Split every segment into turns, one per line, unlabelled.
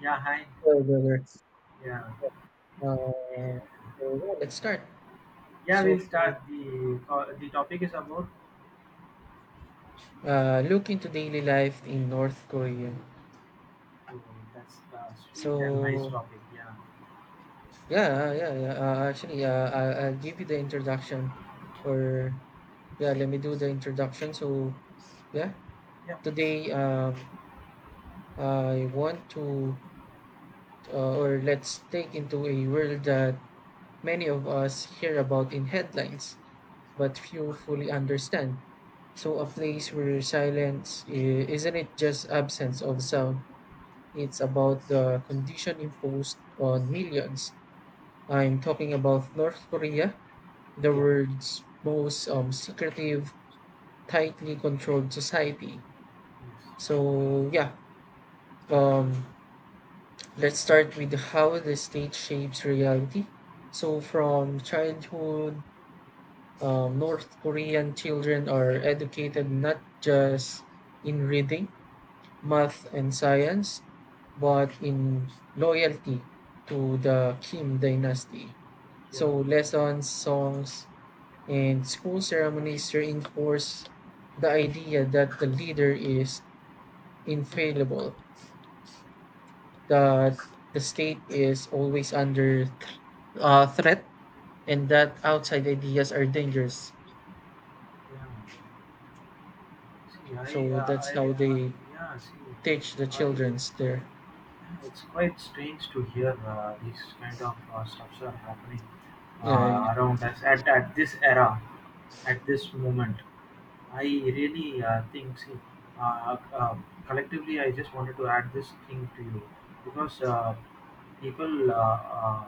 Yeah, hi.
Hello, brother.
Yeah,
Uh, so yeah, let's start.
yeah.
So,
We'll start the topic is about
look into daily life in North Korea.
oh, that's the sweet and nice
So,
topic. Yeah.
yeah. Actually, I'll give you the introduction,
Okay.
or yeah, let me do the introduction. So, yeah,
Yeah, please.
today, I want to, or let's take into a world that many of us hear about in headlines, but few fully understand. So a place where isn't it just absence of sound, it's about the condition imposed on millions. I'm talking about North Korea, the
Yeah.
world's most secretive, tightly controlled society.
Yes.
So yeah, um, let's start with how the state shapes reality. So from childhood, North Korean children are educated not just in reading math and science, but in loyalty to the Kim dynasty.
Yeah.
So lessons, songs, and school ceremonies reinforce the idea that the leader is infallible,
Yeah.
that the state is always under threat, and that outside ideas are dangerous.
Yeah. See,
So that's how they
yeah. See,
teach the
I.
childrens there.
It's quite strange to hear these kind of stuffs are happening
Yeah,
around us at this era, at this moment. I really think, see, uh, uh, collectively, I just wanted to add this thing to you because people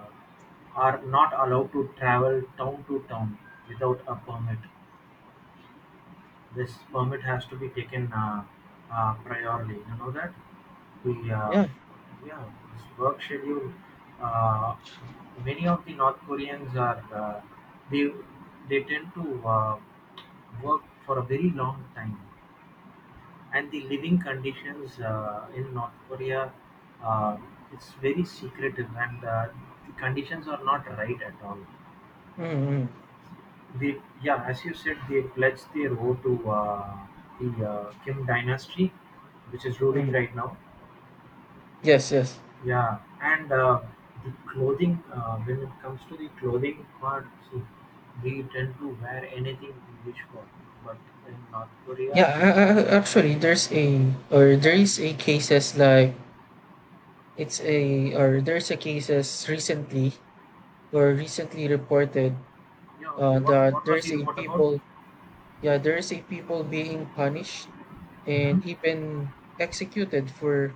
are not allowed to travel town to town without a permit. This permit has to be taken priorly. You know that the
yeah.
yeah, this work schedule. Uh, Many of the North Koreans are they they tend to work for a very long time, and the living conditions in North Korea, uh, it's very secretive, and the conditions are not right at all.
Mm, mm,
They, yeah, as you said, they pledged their vote to the Kim dynasty, which is
mm.
ruling right now.
Yes, yes.
Yeah, and the clothing, when it comes to the clothing part, see, we tend to wear anything we wish for. But in North Korea,
Actually, there's a or there
yeah,
is a cases like it's a or there's a cases recently reported
yeah, okay,
uh, that
what was
there's
the
a
report about?
people yeah there's a people being punished and
Mhm.
even executed for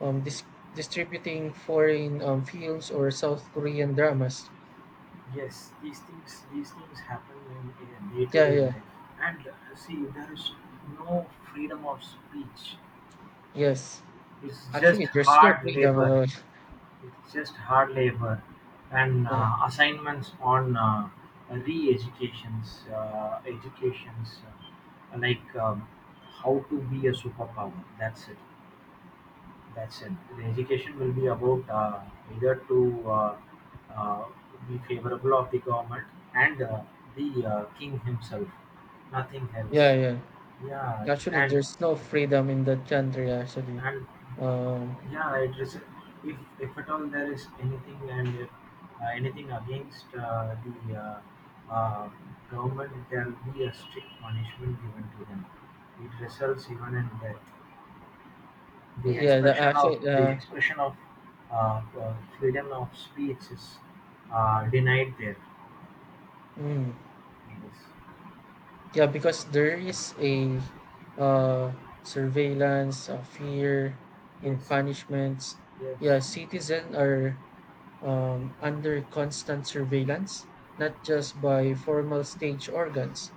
um dis- distributing foreign films or South Korean dramas.
Yes, these things, these things happen in
Yeah,
day-to-day
yeah,
life, and see, there is no freedom of speech.
yes.
It's
Actually,
just
there's no
hard
freedom at
labor.
all.
It's just hard labor and
Yeah,
assignments on re-educations educations, like, how to be a superpower. That's it, that's it. The education will be about either to uh, uh, be favorable of the government and the king himself, nothing
yeah,
else.
yeah.
Yeah,
Actually, there's no freedom in that country, actually.
and
Um,
yeah, it is, if at all there is anything and if anything against the uh, government, there will be a strict punishment given to them. It results even in death. The
yeah, the,
expression of
actually,
the
uh,
expression of uh, uh, freedom of speech is denied there.
mm,
Yes.
yeah, because there is a uh, surveillance, fear, and
Yes.
punishments. Yeah,
Yes.
citizens are under constant surveillance, not just by formal state organs,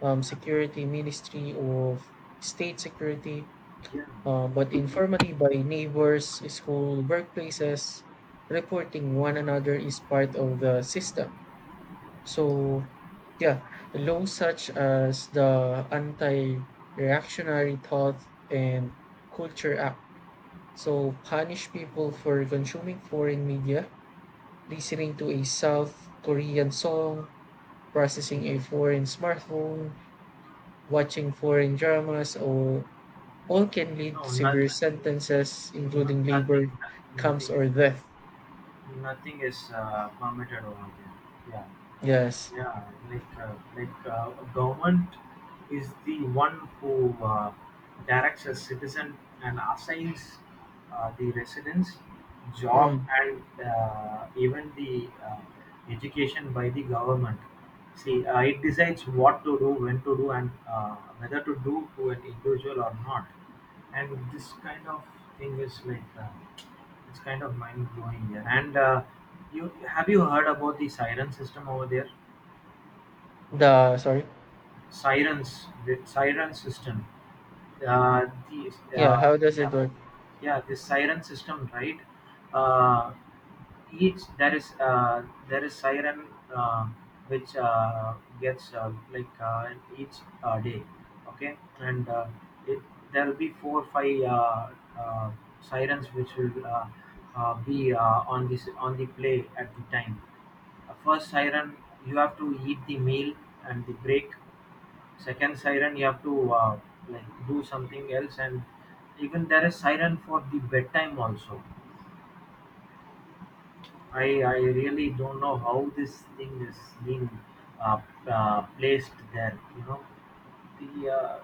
Yeah.
security ministry of state security,
Yeah.
but informally by neighbors, school, workplaces, reporting one another is part of the system. So, yeah, laws such as the Anti Reactionary Thought and Culture Act. So, punish people for consuming foreign media, listening to a South Korean song,
Yes.
processing a foreign smartphone, watching foreign dramas, or All can lead to
No, not,
severe
no,
sentences,
no,
including
nothing,
labor,
nothing
camps,
is,
or death.
nothing is permitted over there. Yeah.
Yes.
Yeah, like government is the one who directs a citizen and assigns the residence, job,
Mm.
and even the education by the government. See, it decides what to do, when to do, and whether to do to an individual or not. And this kind of thing is like it's kind of mind blowing here. And you have you heard about the siren system over there?
The sorry.
Sirens the siren system, the
Yeah.
uh,
How does it
yeah
work?
yeah, this siren system, right? uh, each, there is siren uh, which gets each day, okay, and it, there will be four five uh, sirens which will be on this on the play at the time. First siren, you have to eat the meal and the break. Second siren, you have to like do something else, and even there is siren for the bedtime also. I really don't know how this thing is being uh, placed there. You know, the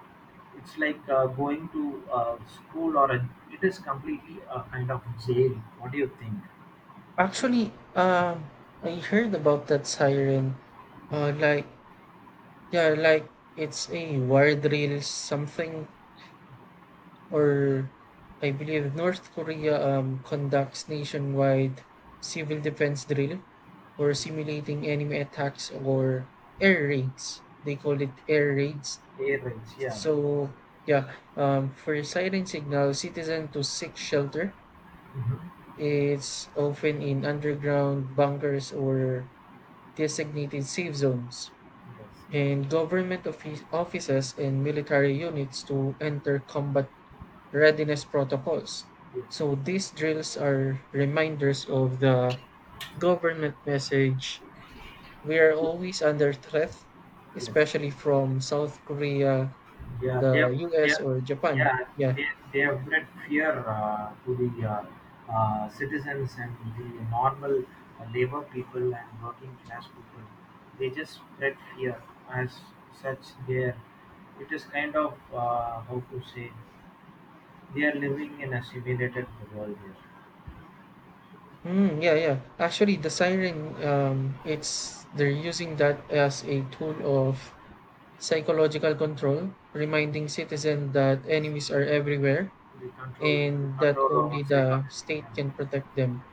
it's like going to school or a, it is completely a kind of jail. What do you think?
Actually, I heard about that siren. Uh, like yeah, like it's a wire drill something, or I believe North Korea conducts nationwide civil defense drill, or simulating enemy attacks or air raids. They call it air raids.
Air raids, yeah.
So yeah, for siren signal, citizen to seek shelter.
Mhm.
It's often in underground bunkers or designated safe zones,
Yes, yes,
and government offices and military units to enter combat readiness protocols.
yes,
So these drills are reminders of the government message: we are
yes,
always under threat,
yes.
especially from South Korea,
Yeah,
the
they
U.S.
have,
or Japan.
yeah,
Yeah.
they, they have bred fear to the citizens and the normal labor people and working class people. They just spread fear as such. There, it is kind of, how to say, they are living in a simulated world here.
Mm, yeah, yeah. Actually, the siren, it's they're using that as a tool of psychological control, reminding citizens that enemies are everywhere
The
and that
control over
only the
psychology. Yeah.
state can protect them.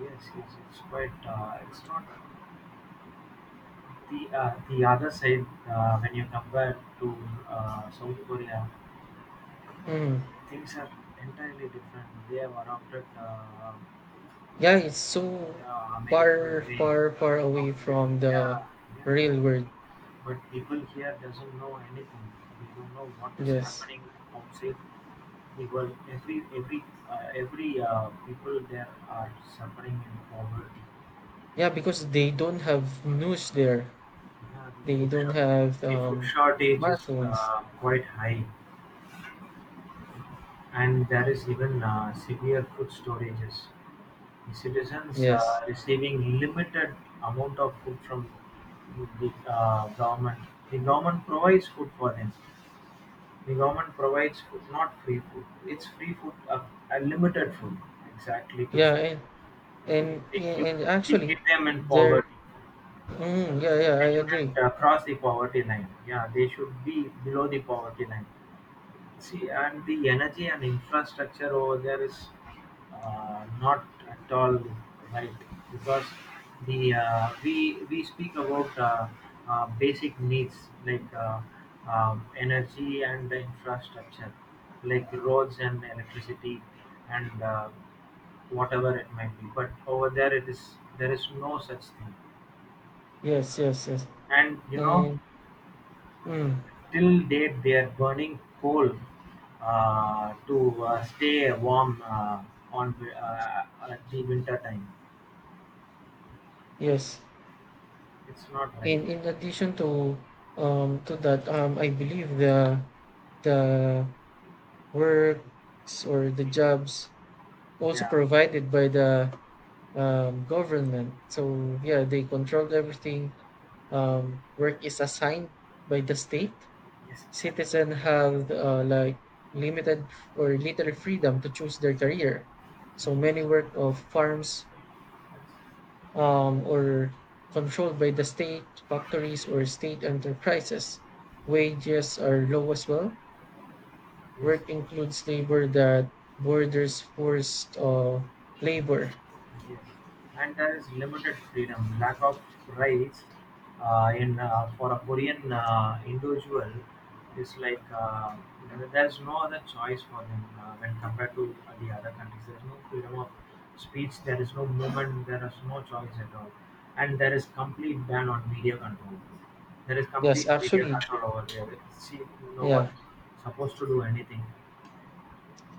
Yes, yes, it's quite. It's not. The the other side, when you compare to South Korea,
Mm.
things are entirely different. They have adopted
Yeah, it's so
American
far,
way
far, far
of
away
living.
from the
Yeah, yeah.
real world.
But people here doesn't know anything. They don't know what is
Yes.
happening outside the world. Every people there are suffering in poverty.
Yeah, because they don't have news there.
Yeah, the
They don't have
the food shortage is
smartphones.
quite high. And there is even severe food shortages, citizens
Yes.
receiving limited amount of food from the government. The government provides food for them. The government provides food, not free food. It's free food, limited food, exactly to
Yeah, and
see.
And yeah, and
They
actually,
keep them in
there.
poverty.
Mm, yeah, yeah,
They
I agree.
shouldn't cross the poverty line. Yeah, they should be below the poverty line. See, and the energy and infrastructure over there is not at all right, because the we speak about basic needs, like energy and the infrastructure, like roads and electricity and whatever it might be. But over there, it is, there is no such thing,
Yes, yes, yes.
and you know.
And mm,
Till date they are burning coal to stay warm on at the winter time.
yes.
It's not right.
And in addition to that, I believe the works or the jobs also
Yeah.
provided by the government. So yeah, they control everything. Work is assigned by the state.
Yes, exactly.
Citizens have like limited or little freedom to choose their career. So
Yes.
many work of farms or controlled by the state factories or state enterprises. Wages are low as well.
Yes.
Work includes labor that borders forced labor.
Yes. And there is limited freedom, lack of rights in for a Korean individual, is like, there's no other choice for them when compared to the other countries. There's no freedom of speech. There is no movement. There is no choice at all, and there is complete ban on media control. There is
Yes,
complete media
actually,
control over there. See, no
yeah,
one is supposed to do anything,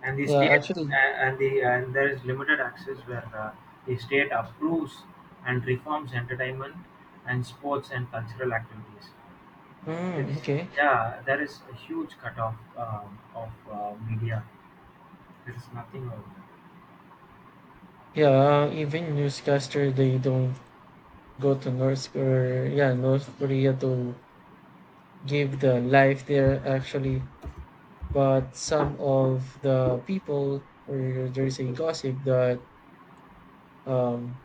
and the
yeah,
state
actually,
and there is limited access where the state approves and reforms entertainment and sports and cultural activities.
mm,
It's,
okay,
yeah, there is a huge cutoff of media. There is nothing over
yeah. Even newscaster, they don't go to North Korea to give the life there actually but some
there.
of the people or there is a gossip that um,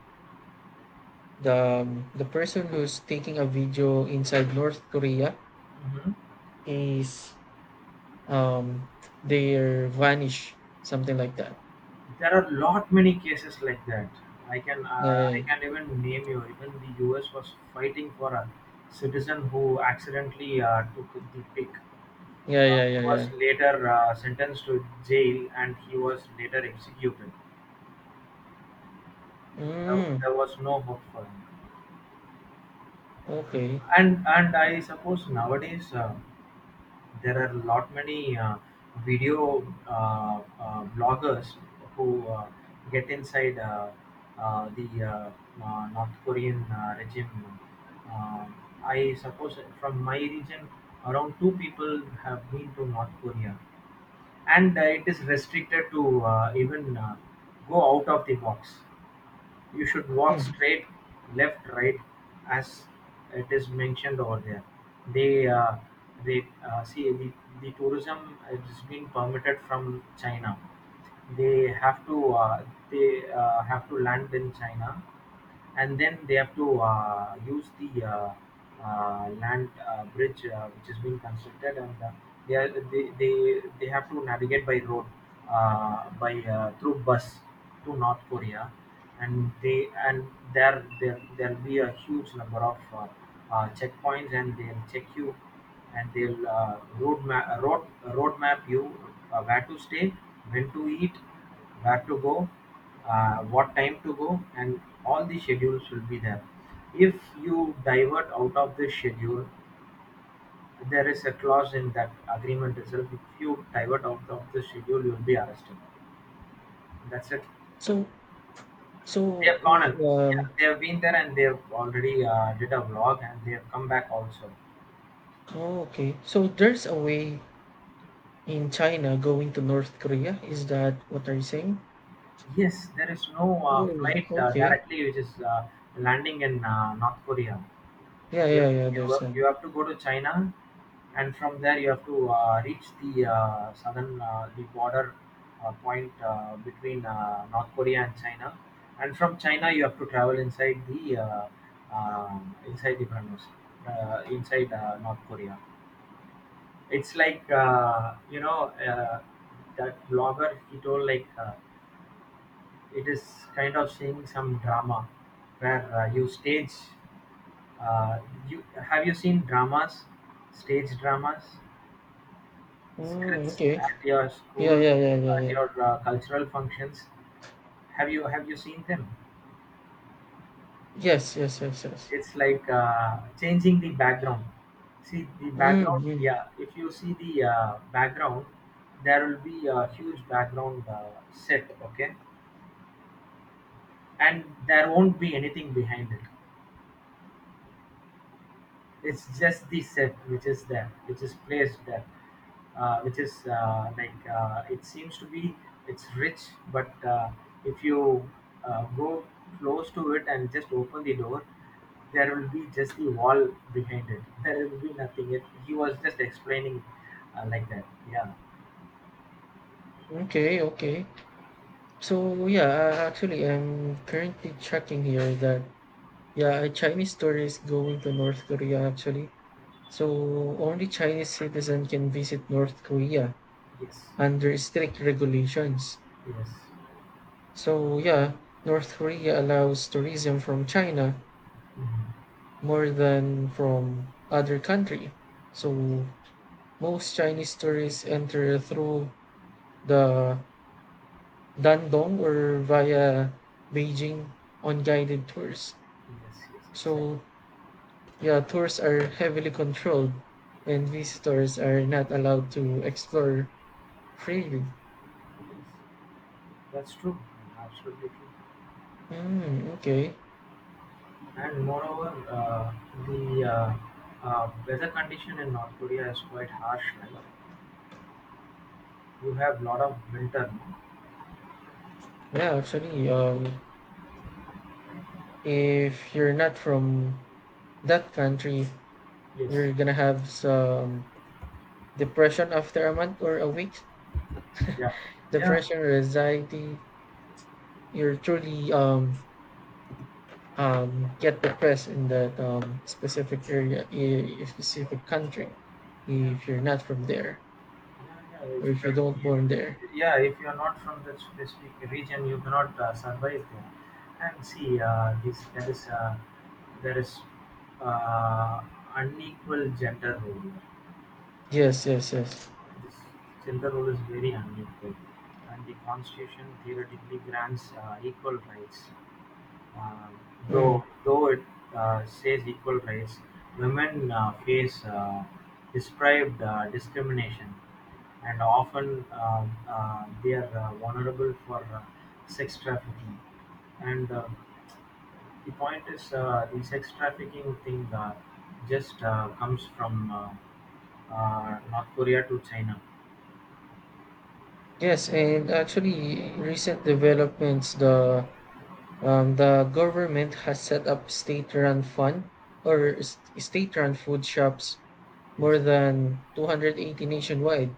the the person who's taking a video inside North Korea
Hmm.
is um they're vanish something like that
There are lot many cases like that.
yeah
I can even name you. Even the U.S. was fighting for a citizen who accidentally took the pig.
yeah yeah yeah
He
yeah,
was
yeah.
later sentenced to jail and he was later executed.
Mm,
There was no hope for him.
okay.
And I suppose nowadays there are a lot many video uh, bloggers who get inside the North Korean regime. Uh, I suppose from my region, around two people have been to North Korea, and it is restricted to even go out of the box. You should walk
Mm.
straight, left, right, as it is mentioned over there. They uh, they uh, see, the tourism is being permitted from China. They have to they have to land in China, and then they have to use the land bridge which is being constructed, and they have to navigate by road by through bus to North Korea, and they and there'll be a huge number of checkpoints and they'll check you, and they'll road map you, where to stay, when to eat, where to go, what time to go, and all the schedules will be there. If you divert out of the schedule, there is a clause in that agreement itself. If you divert out of the schedule, you will be arrested. That's it.
so so
They have gone, and yeah,
um
they have been there and they have already did a vlog and they have come back also.
oh, okay so there's a way in China going to North Korea is that what are you saying.
Yes, there is no
Really?
flight
Okay.
directly which is landing in North Korea.
Yeah,
You
yeah, yeah.
you
There's a.
you have to go to China, and from there you have to reach the southern the border point between North Korea and China, and from China you have to travel inside the premise, inside North Korea. It's like you know uh, that blogger he told like. It is kind of seeing some drama where you stage. Uh, you seen dramas, stage dramas,
Mm,
scripts
okay.
at your
Yeah,
school,
yeah, yeah, yeah,
at
yeah.
your cultural functions? Have you seen them?
Yes, yes, yes, yes.
It's like changing the background. See the
Mm,
background.
mm.
Yeah, if you see the background, there will be a huge background set. Okay, and there won't be anything behind it. It's just the set which is there, which is placed there, which is it seems to be it's rich, but if you go close to it and just open the door, there will be just the wall behind it. There will be nothing. It, he was just explaining like that. Yeah.
Okay, okay. So yeah, actually, I'm currently checking here that yeah, a Chinese tour is going to North Korea actually. So only Chinese citizen can visit North Korea
Yes.
under strict regulations.
Yes.
So yeah, North Korea allows tourism from China
Mhm.
more than from other country.
Yes.
So most Chinese tourists enter through the Dandong or via Beijing on guided tours.
Yes. Yes. Exactly.
So, yeah, tours are heavily controlled and visitors are not allowed to explore freely.
Yes. That's true. Absolutely true.
Hmm, okay.
And moreover, the weather condition in North Korea is quite harsh, right? You have lot of winter. No?
Yeah, actually, if you're not from that country,
Yes.
you're gonna have some depression after a month or a week.
Yeah, yeah,
Depression or anxiety. You're truly get depressed in that specific area, a specific country,
yeah,
if you're not from there
yeah, yeah.
or
It's
if you
pretty,
don't born there.
yeah, if you're not from that specific region, you cannot survive there. And see, this there is uh, unequal gender role.
Yes, yes, yes.
This gender role is very unequal, and the constitution theoretically grants equal rights. Uh,
Mm.
though it says equal rights, women face prescribed discrimination, and often they are vulnerable for sex trafficking. And The point is, the sex trafficking thing just comes from North Korea to China.
Yes, and actually, recent developments, the government has set up state-run fund or st- state-run food shops
Yes.
more than 280 nationwide.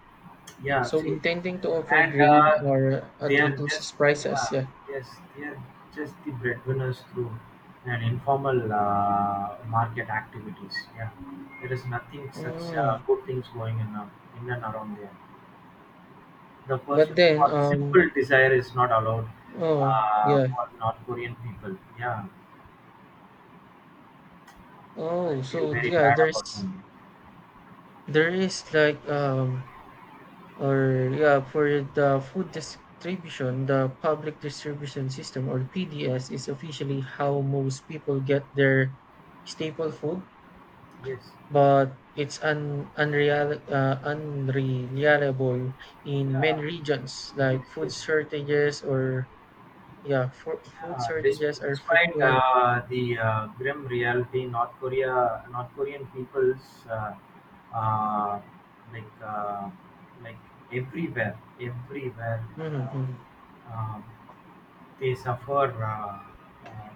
Yeah,
So
see,
intending to offer
and
grain or
they
at
are just
reduced prices,
uh,
yeah.
yes, they are just the breadwinners through an informal market activities. Yeah, there is nothing such
Mm.
good things going in and around there. The
But
pursuit
then,
for simple desire is not allowed
oh, yeah.
for North Korean people. Yeah,
Oh,
I feel
so
very
yeah,
bad
there's
about them.
there is like for the food distribution, the public distribution system or PDS is officially how most people get their staple food,
Yes,
but it's un unreal unreliable in many
yeah,
regions.
yes,
Like food
yes.
shortages or yeah, for, food
Yeah,
shortages are
despite
frequent.
the grim reality, North Korean people's, uh, like like everywhere, everywhere.
Mm-hmm, mm-hmm.
Uh, um, they suffer uh,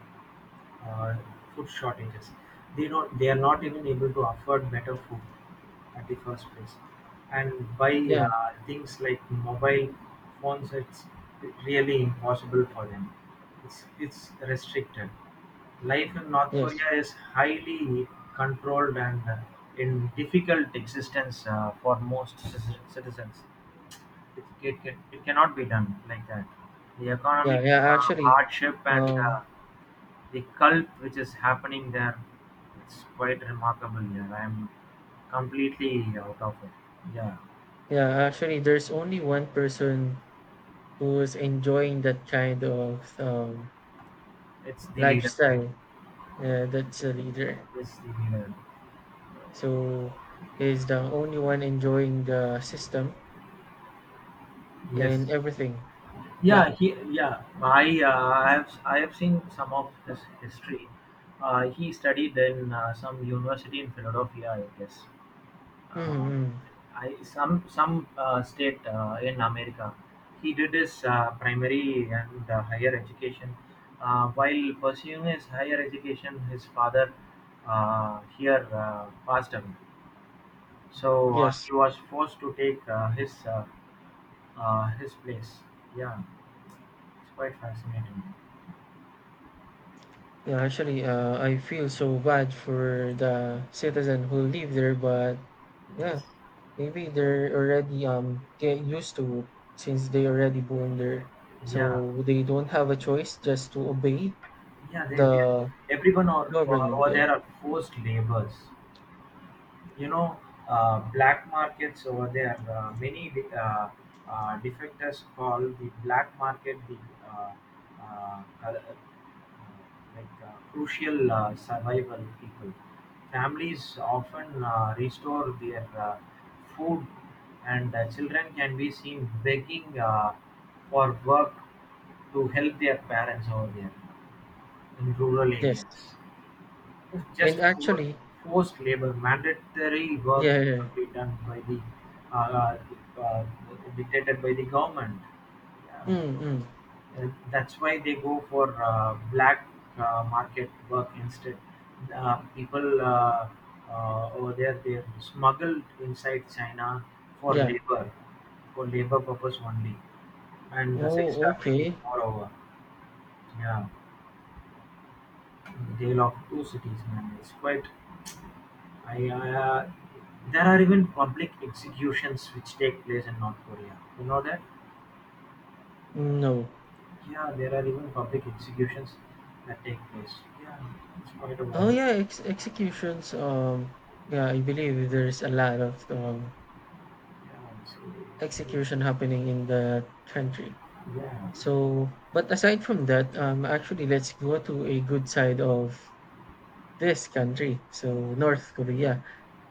uh, food shortages. They don't. They are not even able to afford better food at the first place. And by
Yeah,
things like mobile phones, it's really impossible for them. It's restricted. Life in North
yes.
Korea is highly controlled and in difficult existence for most citizens. It it can it cannot be done like that. The
Yeah,
economic hardship and
um,
the cult which is happening there, it's quite remarkable here. I am completely out of it. Yeah,
yeah, actually, there's only one person who's enjoying that kind of
it's the leader, right?
lifestyle. That's a leader.
It's the leader.
So he's the only one enjoying the system
Yes.
and everything. Yeah.
Yeah. He. Yeah. I. I have. I have seen some of his history. He studied in some university in Philadelphia, I guess. uh,
Mm-hmm.
I some state in America. He did his primary and higher education. While pursuing his higher education, his father here passed away. So
Yes.
he was forced to take his place. Yeah, it's quite fascinating.
Yeah, actually, I feel so bad for the citizen who live there, but yeah,
Yes.
maybe they're already get used to it since they already born there,
Yeah,
so they don't have a choice just to obey
yeah.
the
Everyone or, over
government
over there
there.
are forced laborers. You know black markets over there, many defectors call the black market the uh, uh, uh, like crucial survival people families often restore their food and children can be seen begging for work to help their parents over there in rural
Yes,
areas. It is
and
just
actually,
forced labor. Mandatory work
yeah, yeah,
cannot be done by the uh, uh, dictated by the government. Yeah.
yeah. Mm, mm,
That's why they go for black market work instead. People over there, they are smuggled inside China for
yeah.
labor, for labor purpose only, and sex
Oh,
trafficking
okay.
moreover. Yeah, jail of two cities, man. It's quite I, there are even public executions which take place in North Korea. You know that?
No.
Yeah, there are even public executions that take place. Yeah, it's quite a
Oh
violence.
yeah, ex executions. Yeah, I believe there's a lot of
Yeah, so,
execution happening in the country.
yeah,
So, but aside from that, actually, let's go to a good side of this country. So, North Korea.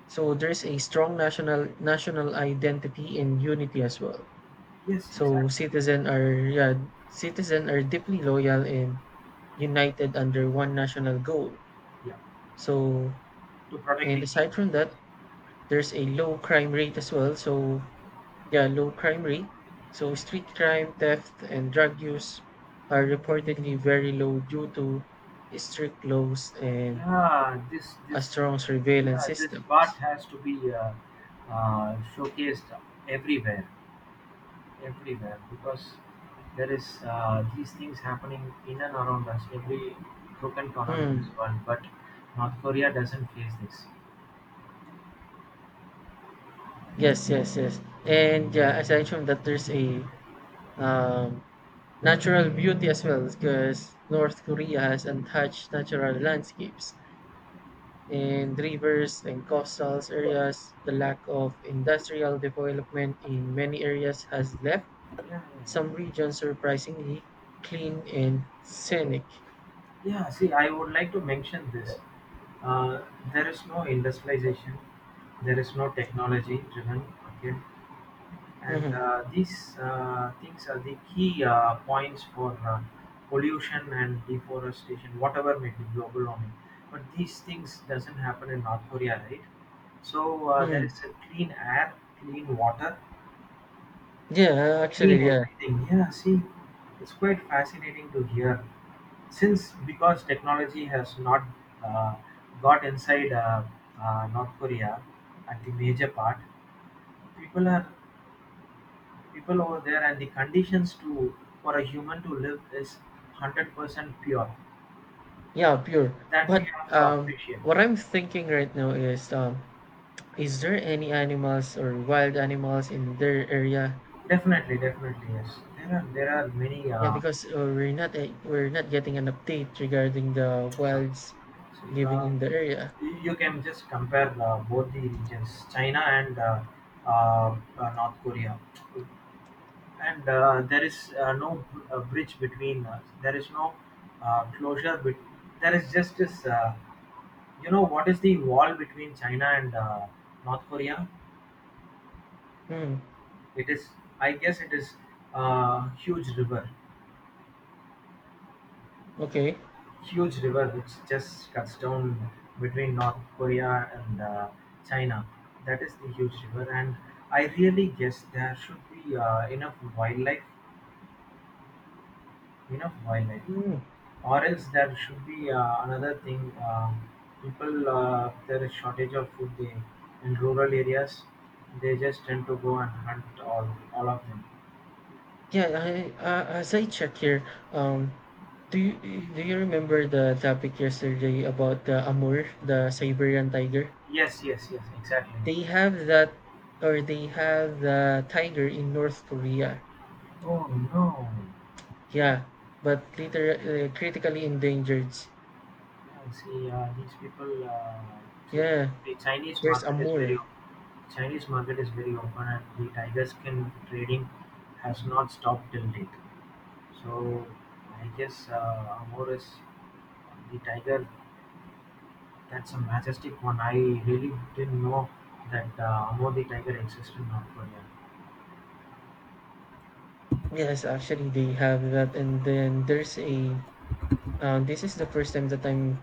So, there's a strong national identity and unity as well.
yes,
So,
exactly.
citizen are deeply loyal and united under one national goal.
Yeah,
So,
to protect the
and
king.
aside from
Yes.
that, there's a low crime rate as well. So, yeah, low crime rate. So street crime, theft, and drug use are reportedly very low due to strict laws and
Yeah, this
a
this
strong surveillance
yeah this part
systems.
has to be showcased everywhere. Everywhere, because there is, these things happening in and around us, every crook and corner in this
Hmm.
world. But North Korea doesn't face this.
Yes, yes, yes. And yeah, aside from that, there's a um, natural beauty as well because North Korea has untouched natural landscapes and rivers and coastal areas. The lack of industrial development in many areas has left
Yeah, yeah,
some regions are surprisingly clean and scenic.
yeah. See, I would like to mention this. Uh, there is no industrialization. There is no technology driven. Okay, and
Hmm.
these things are the key points for pollution and deforestation, whatever may be, global warming. But these things doesn't happen in North Korea, right? So, there is
Mm.
a clean air, clean water,
Yeah,
clean
actually, yeah,
everything. Yeah, see, it's quite fascinating to hear, since, because technology has not uh, got inside North Korea at the major part. People are, people over there, and the conditions to for a human to live is 100% pure,
yeah, pure.
that we
But
have to appreciate.
what I'm thinking right now is there any animals or wild animals in their area?
Definitely, yes, there are, there are many.
Yeah, because we're not getting an update regarding the
No,
wilds
so,
living in the area.
you can just compare both the regions, China and North Korea. And there is no bridge between, there is no closure, but there is just this, you know, what is the wall between China and North Korea.
Mm.
It is, I guess it is a
Okay.
huge river which just cuts down between North Korea and China. That is the huge river, and I really guess there should be enough wildlife,
Mm.
or else there should be another thing. People, there is shortage of food, they, in rural areas. They just tend to go and hunt all of them.
Yeah, I, as I check here, do you do you remember the topic yesterday about the Amur, the Siberian tiger?
Yes, yes, yes, exactly.
They have that, or they have the tiger in North Korea.
Oh no.
Yeah, but later critically endangered.
I see. These people, see,
Yeah,
the Chinese
there's
market is very
Amur.
Chinese market is very open, and the tiger skin trading has not stopped till date. So I guess Amor is the tiger. That's a majestic one. I really didn't know that Amor the tiger exists in North Korea.
Yes, actually they have that, and then there's a. This is the first time that I'm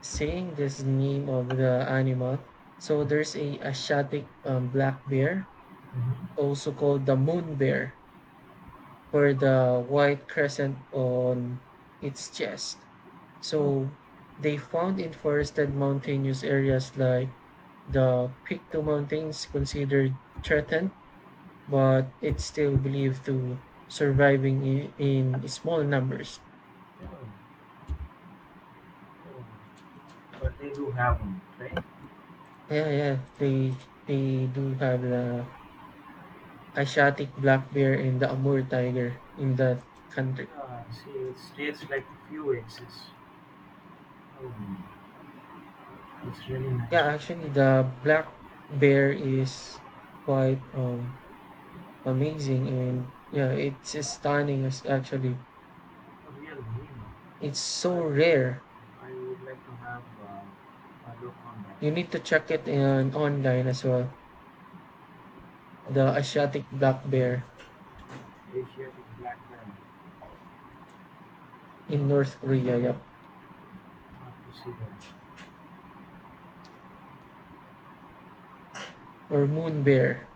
saying this name of the animal. So there's a Asiatic black bear
Mhm.
also called the moon bear, for the white crescent on its chest.
Oh,
So they found in forested mountainous areas like the Pictou Mountains, considered threatened, but it's still believed to surviving in small numbers.
oh, oh. But they do have one, right?
Yeah, yeah, they do have the Asiatic black bear and the Amur tiger in that country.
Yeah, see, it states like few exist. Oh, it's really nice.
Yeah, actually, the black bear is quite amazing, and yeah, it's stunning. As actually,
A real dream.
it's so
I,
rare.
I would like to have a look on
You need
that.
to check it in online as well. The
Uh,
Asiatic black bear
Asiatic black diamond.
in North
Uh,
Korea, yeah,
have to see that.
or moon bear.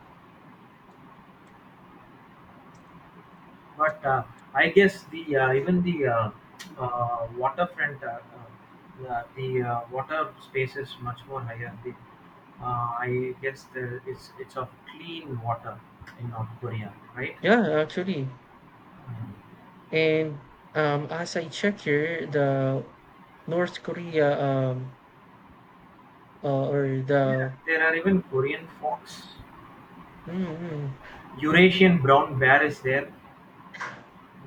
But I guess the, even the, waterfront, the, water space is much more higher. The, I guess there is, it's of clean water in North Korea, right?
Yeah, actually,
Mm.
and as I check here, the North Korea or the
There are even Korean fox,
mm, mm,
Eurasian brown bear is there.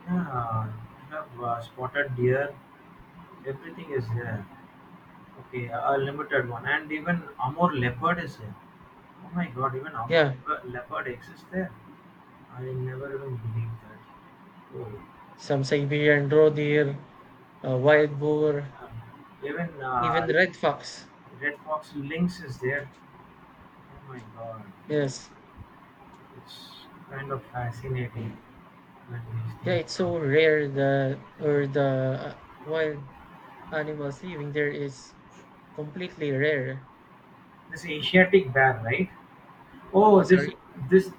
Yeah, I have spotted deer. Everything is here. Okay, a limited one, and even Amur leopard is here. Oh my God, even Amur
yeah,
leopard exists there. I never even believed that. Oh,
some Siberian roe deer,
yeah,
wild boar,
yeah. Even
even red fox.
red fox, lynx is there. Oh my God,
Yes.
it's kind of fascinating when these
Yeah,
things
it's
come.
so rare the or the wild animals living there is completely rare.
This Asiatic bear, right?
Oh,
Oh, this
sorry.
this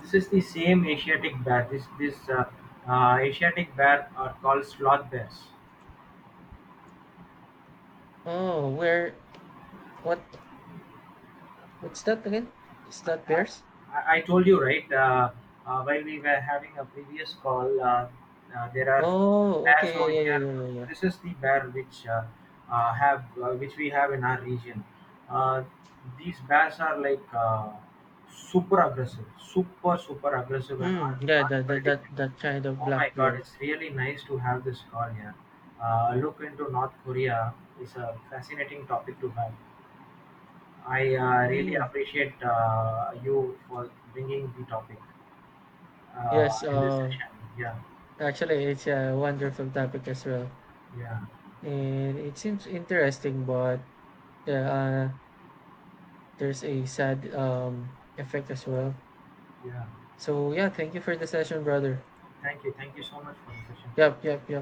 this is the same Asiatic bear. This Asiatic bear are called sloth bears.
Oh, where? What? What's that again? Is that bears?
I told you, right, while we were having a previous call, there are
Oh,
bears
okay.
over
Yeah, yeah,
here.
yeah, yeah, yeah, yeah.
This is the bear which, have, which we have in our region. Uh, these bears are like, super aggressive, super aggressive and
Mm, yeah,
unpredictable.
that kind of
Oh my
black bear.
God, it's really nice to have this call here. Look into North Korea is a fascinating topic to have. I really
Mm.
appreciate you for bringing the topic
Yes.
in this session. Yeah,
Actually, it's a wonderful topic as well,
yeah,
and it seems interesting, but yeah, there's a sad effect as well.
yeah.
So yeah, thank you for the session, brother.
Thank you. Thank you so much for the session.
Yep, yep, yep.